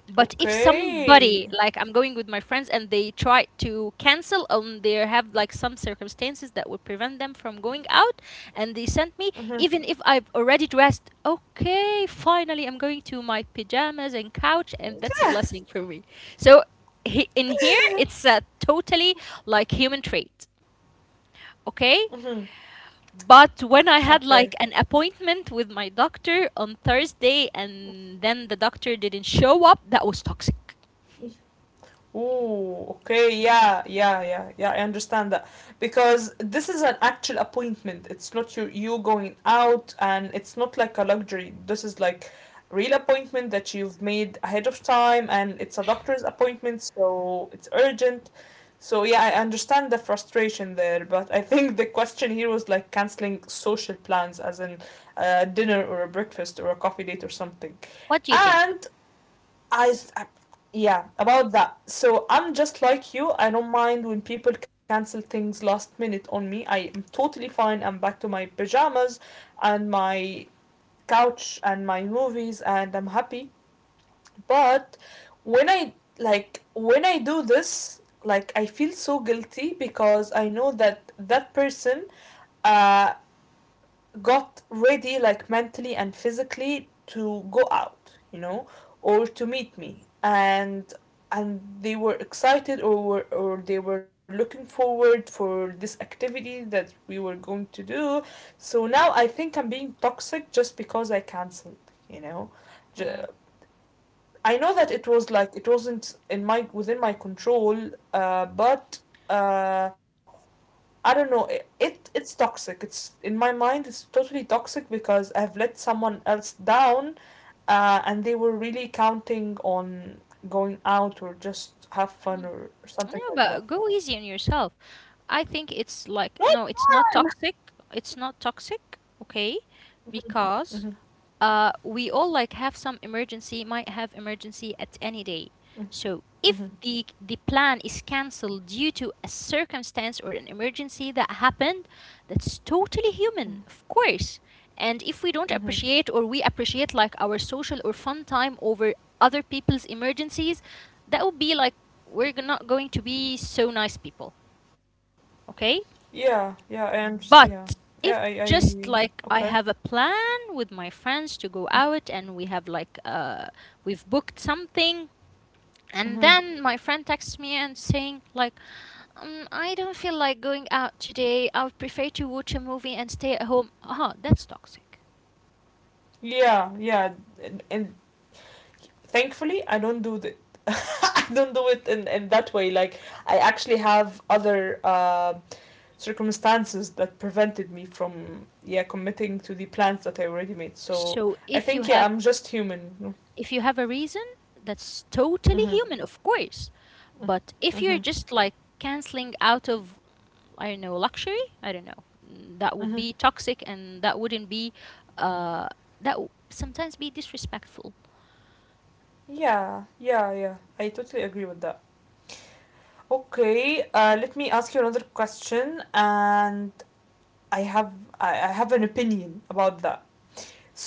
But if okay. somebody, like I'm going with my friends and they try to cancel and they have like some circumstances that would prevent them from going out, and they sent me, Mm-hmm. even if I've already dressed, okay, finally I'm going to my pajamas and couch and that's a blessing for me. So he, in here it's a totally like human trait. Mm-hmm. Okay? But when Okay. I had like an appointment with my doctor on Thursday and then the doctor didn't show up, that was toxic. Oh, okay, yeah, yeah, yeah, yeah. I understand that because this is an actual appointment. It's not you going out, and it's not like a luxury. This is like real appointment that you've made ahead of time, and it's a doctor's appointment, so it's urgent. So yeah, I understand the frustration there, but I think the question here was like canceling social plans, as in a dinner or a breakfast or a coffee date or something. What do you think? And I, s- I- yeah, about that. So I'm just like you. I don't mind when people cancel things last minute on me. I am totally fine. I'm back to my pajamas and my couch and my movies and I'm happy. But when I like when I do this, like I feel so guilty because I know that that person uh got ready like mentally and physically to go out. Or to meet me, and they were excited, or were, or they were looking forward for this activity that we were going to do, so now I think I'm being toxic just because I canceled, you know. J- Hmm. I know that it was like it wasn't in my within my control, but uh, I don't know. It it's toxic. It's in my mind. It's totally toxic because I've let someone else down, and they were really counting on going out or just have fun, or No, something but like go that. easy on yourself. I think it's like, Not no, it's not fun. toxic. It's not toxic, okay? Because, we all like have some emergency, might have emergency at any day. So if the plan is cancelled due to a circumstance or an emergency that happened, that's totally human, of course. And if we don't Mm-hmm. appreciate or we appreciate like our social or fun time over other people's emergencies, that would be like we're not going to be so nice people, okay? Yeah, yeah, I underst Yeah, But yeah, if just like okay. I have a plan with my friends to go out and we have like, we've booked something, and Mm-hmm. then my friend texts me and saying like, I don't feel like going out today. I would prefer to watch a movie and stay at home. Uh-huh, that's toxic. Yeah, yeah, and thankfully I don't do th don't do it in that way like I actually have other circumstances that prevented me from yeah committing to the plans that I already made. So So I if you think yeah have I'm just human. If you have a reason, that's totally Mm-hmm. human, of course. But if Mm-hmm. you're just like canceling out of, I don't know, luxury, I don't know, mm, that would Mm-hmm. be toxic and that wouldn't be, uh, that would sometimes be disrespectful. Yeah, yeah, yeah, I totally agree with that. Okay, let me ask you another question, and I have I have an opinion about that.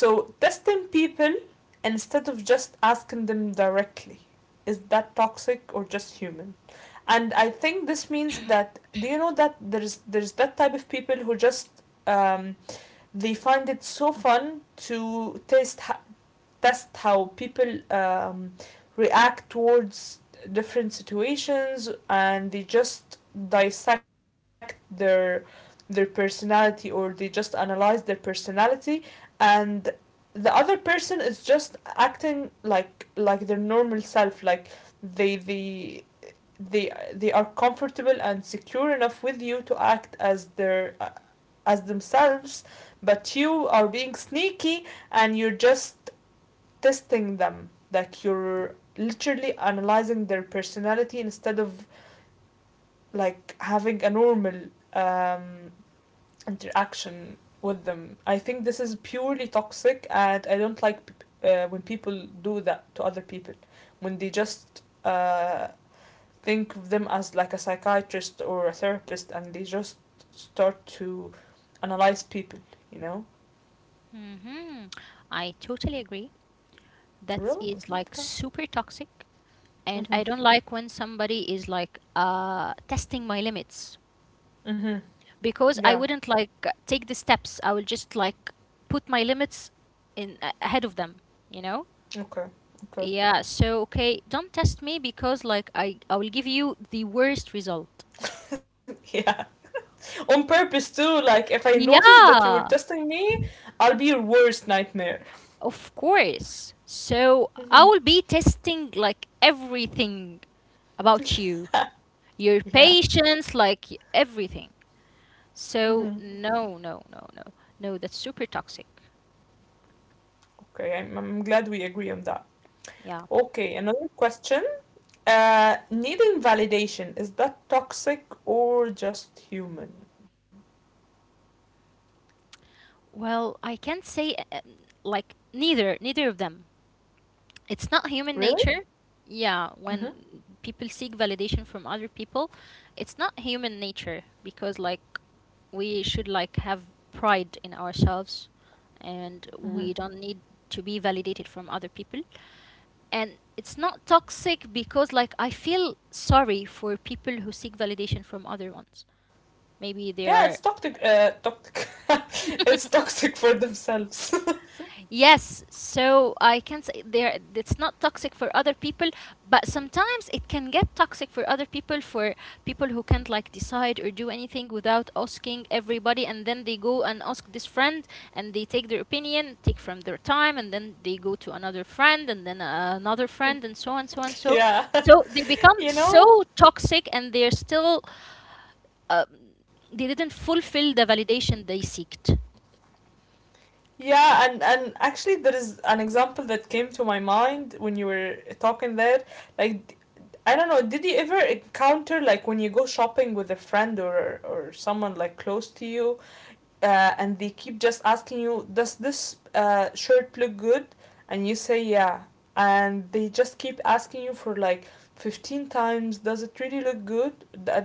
So testing people instead of just asking them directly. Is that toxic or just human? And I think this means that, do you know that there's that type of people who just they find it so fun to taste test how people react towards different situations, and they just dissect their personality, or they just analyze their personality, and the other person is just acting like their normal self, like they they they are comfortable and secure enough with you to act as their as themselves, but you are being sneaky, and you're just testing them, like you're literally analyzing their personality instead of like having a normal um, interaction with them. I think this is purely toxic, and I don't like when people do that to other people, when they just uh, think of them as like a psychiatrist or a therapist, and they just start to analyze people, you know. Mm-hmm. I totally agree. That Really? is like Okay. super toxic. And I Mm-hmm. don't like when somebody is like, testing my limits, Mm-hmm. because I Yeah. wouldn't like take the steps. I will just like put my limits ahead of them, you know? Okay. Okay. Yeah, so okay, don't test me, because like I will give you the worst result. Yeah. On purpose too, like if I notice that you were Yeah, testing me, I'll be your worst nightmare. of course. So I will Mhm. be testing like everything about you, your Yeah. patience, like everything. Mhm. So no, no, no, no, no. That's super toxic. Okay, I'm glad we agree on that. Yeah. Okay, another question. Needing validation, is that toxic or just human? Well, I can't say, like neither of them. It's not human Really? nature. Yeah, Mm-hmm. when people seek validation from other people, it's not human nature, because like we should like have pride in ourselves and we Mm-hmm. don't need to be validated from other people. And it's not toxic because like I feel sorry for people who seek validation from other ones. Maybe they Yeah, are it's toxic. Toxic. It's toxic for themselves. yes, so I can say there it's not toxic for other people, but sometimes it can get toxic for other people, for people who can't like decide or do anything without asking everybody, and then they go and ask this friend and they take their opinion, take from their time, and then they go to another friend and then another friend and so on, so on, so Yeah. so they become You so know, toxic, and they're still, uh, they didn't fulfill the validation they seeked. yeah, and actually there is an example that came to my mind when you were talking there. Like d- I don't know, did you ever encounter like when you go shopping with a friend, or someone like close to you, and they keep just asking you, does this shirt look good? And you say, yeah. And they just keep asking you for like 15 times, does it really look good?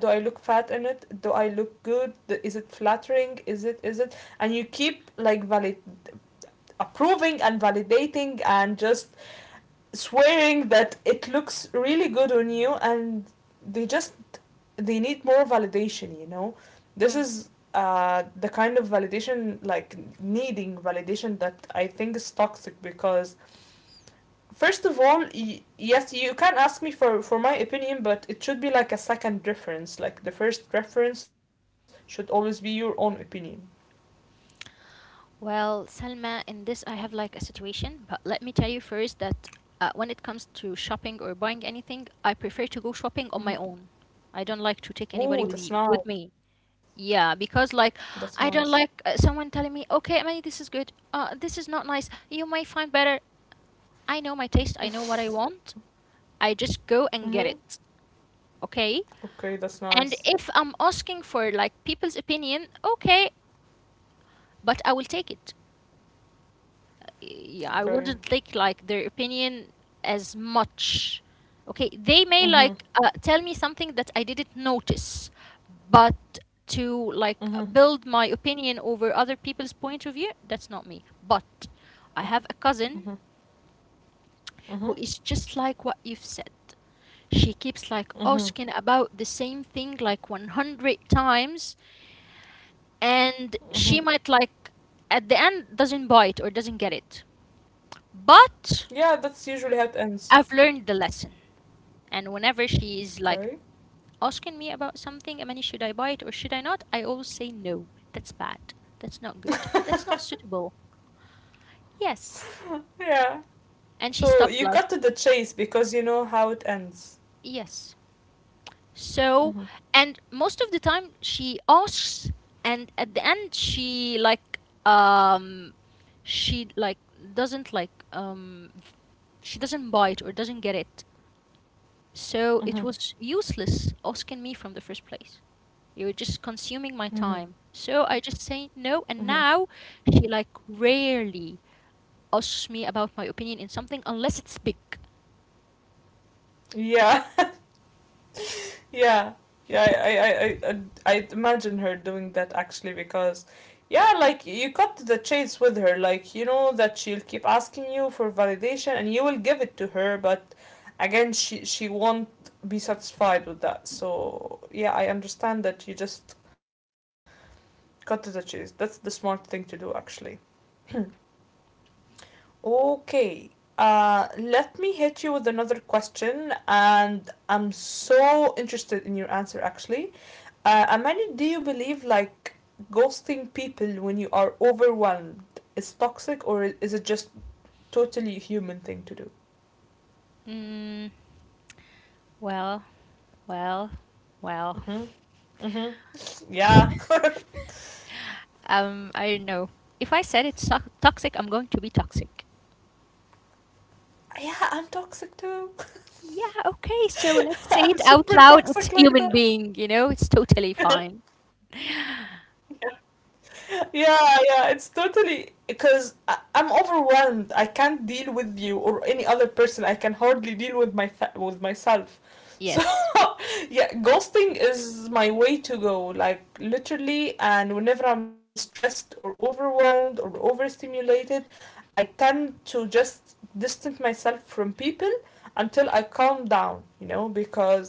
Do I look fat in it? Do I look good? Is it flattering? Is it? And you keep like valid approving and validating and just swearing that it looks really good on you, and they just they need more validation, you know. This is the kind of validation, like needing validation, that I think is toxic, because first of all yes, you can ask me for my opinion, but it should be like a second reference, like the first reference should always be your own opinion. Well, Salma, in this I have like a situation, but let me tell you first that, when it comes to shopping or buying anything, I prefer to go shopping on Mhm. my own. I don't like to take anybody Ooh, with that's nice. with me. Yeah, because That's like nice. I don't like, someone telling me, "Okay, Emily, this is good. This is not nice. You might find better." I know my taste. I know what I want. I just go and Mm-hmm. get it. Okay? Okay, that's And nice. if I'm asking for like people's opinion, okay, but I will take it, yeah, Okay. I wouldn't take like their opinion as much. Okay, they may Mm-hmm. like, tell me something that I didn't notice, but Mm-hmm. to like build my opinion over other people's point of view, that's not me. But I have a Mm-hmm. cousin Mm-hmm. who is just like what you've said. She keeps like Mm-hmm. asking about the same thing like 100 times, and she might like at the end doesn't buy it or doesn't get it. Yeah, But that's usually how it ends. I've learned the lesson. And whenever she's like Okay. asking me about something, Amani, should I buy it or should I not? I always say no. That's bad. That's not good. That's not suitable. Yes. Yeah. And she So stopped you like, cut to the chase because you know how it ends. yes. So, Mm-hmm. and most of the time she asks, and at the end she like, um she like doesn't like she doesn't buy it or doesn't get it. So Mm-hmm. it was useless asking me from the first place. You're just consuming my Mm-hmm. time. So I just say no. And Mm-hmm. now she like rarely asks me about my opinion in something unless it's big. Yeah. Yeah. Yeah. I imagine her doing that actually because yeah, like you cut to the chase with her. Like you know that she'll keep asking you for validation and you will give it to her, but again, she won't be satisfied with that. So yeah, I understand that you just cut to the chase. That's the smart thing to do actually. Okay. Let me hit you with another question, and I'm so interested in your answer actually. Amani, do you believe like ghosting people when you are overwhelmed is toxic, or is it just totally human thing to do? Mm, well, well, well. Mm-hmm. Mm-hmm. Yeah. I don't know. If I said it's toxic, I'm going to be toxic. Yeah, I'm toxic too. Yeah, okay. So let's say I'm it out super loud. It's toxic like human that. being, you know, it's totally fine. Yeah, yeah, it's totally because am overwhelmed. I can't deal with you or any other person. I can hardly deal with with myself. So Yes. yeah, ghosting is my way to go, like literally, and whenever I'm stressed or overwhelmed or overstimulated, I tend to just distance myself from people until I calm down, you know, because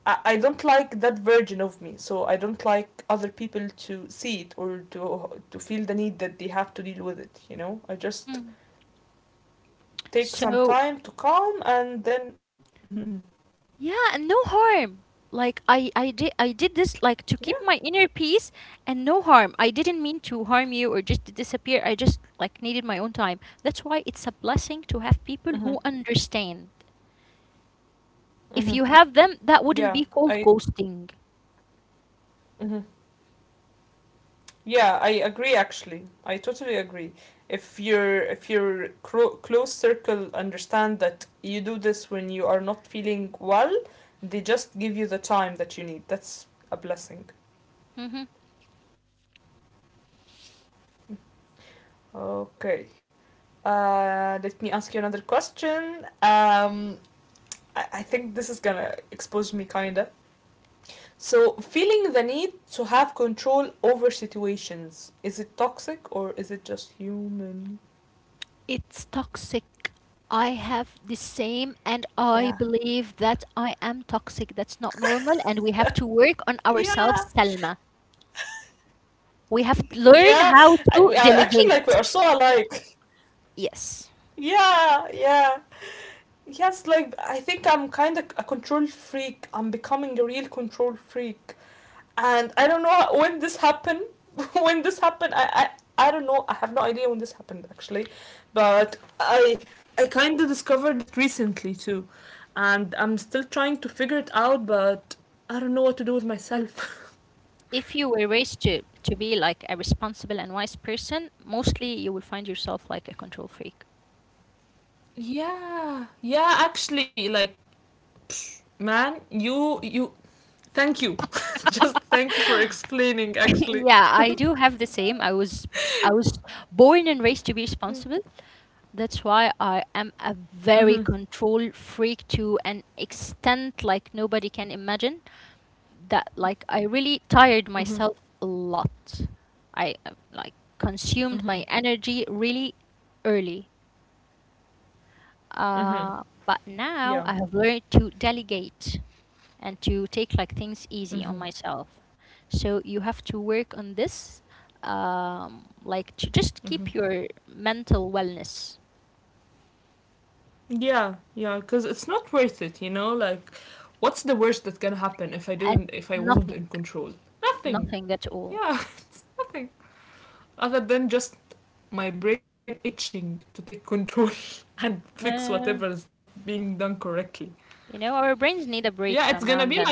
I don't like that version of me, so I don't like other people to see it or to feel the need that they have to deal with it. You know, I Mm. just take some So, time to calm and then Mhm. yeah, and no harm. Like I did this like Yeah, to keep my inner peace and no harm. I didn't mean to harm you or just to disappear. I just like needed my own time. That's why it's a blessing to have mhm, people who understand. mhm, If you have them, that yeah, wouldn't be I called ghosting. mhm. Yeah, I agree. Actually, I totally agree. If your close circle understand that you do this when you are not feeling well, they just give you the time that you need. That's a blessing. Hmm. Okay, uh, let me ask you another question. I think this is gonna expose me kinda. So, feeling the need to have control over situations, is it toxic or is it just human? It's toxic. I have the same and Yeah. I believe that I am toxic. That's not normal and we have to work on Yeah. ourselves, Selma. We have to Yeah. learn we how are to actually like we are so delegate. alike. Yes. Yeah, yeah. Yes, like I think I'm kind of a control freak. I'm becoming a real control freak, and I don't know when this happened. When this happened, I I don't know. I have no idea when this happened actually, but I kind of discovered it recently too, and I'm still trying to figure it out. But I don't know what to do with myself. If you were raised to be like a responsible and wise person, mostly you will find yourself like a control freak. Yeah, yeah. Actually, like man, you thank you, just thank you for explaining. Actually. Yeah, I do have the same. I was born and raised to be responsible. That's why I am a Mhm. very control freak to an extent like nobody can imagine. That like I really Mhm. tired myself a lot. I, like consumed Mhm. my energy really early. Mhm. But Yeah. now I have learned to delegate, and to take like things easy on Mhm. myself. So you have to work on this, like to Mhm. just keep your mental wellness Yeah, yeah, because it's not worth it, you know? Like, what's the worst that's gonna happen if I at didn't, if I wasn't nothing, in control? Nothing. nothing at all. Yeah, it's nothing. Other than just my brain itching to take control and fix No, whatever no, no, is not no. being done correctly. You know, our brains need a Yeah, it's break gonna from be now and like, then.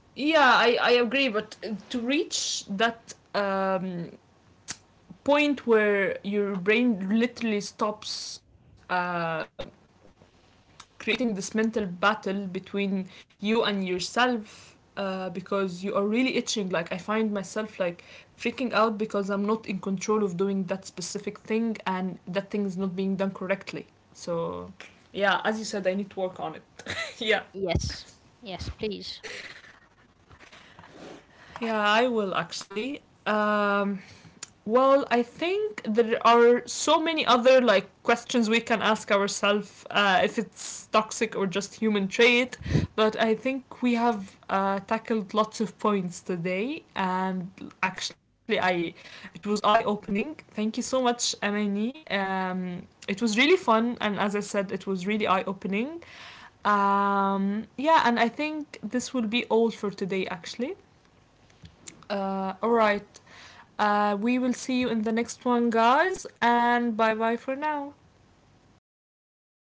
yeah, I agree, but to reach that point where your brain literally stops. Creating this mental battle between you and yourself because you are really itching. Like I find myself like freaking out because I'm not in control of doing that specific thing and that thing is not being done correctly. So yeah, as you said, I need to work on it. Yeah, Yes, yes, please. yeah, I will actually. Well, I think there are so many other like questions we can ask ourselves if it's toxic or just human trait, but I think we have tackled lots of points today, and actually, I it was eye opening. Thank you so much, Amani. It was really fun, and as I said, it was really eye opening. Yeah, and I think this will be all for today, actually. All right. We will see you in the next one, guys, and bye bye for now.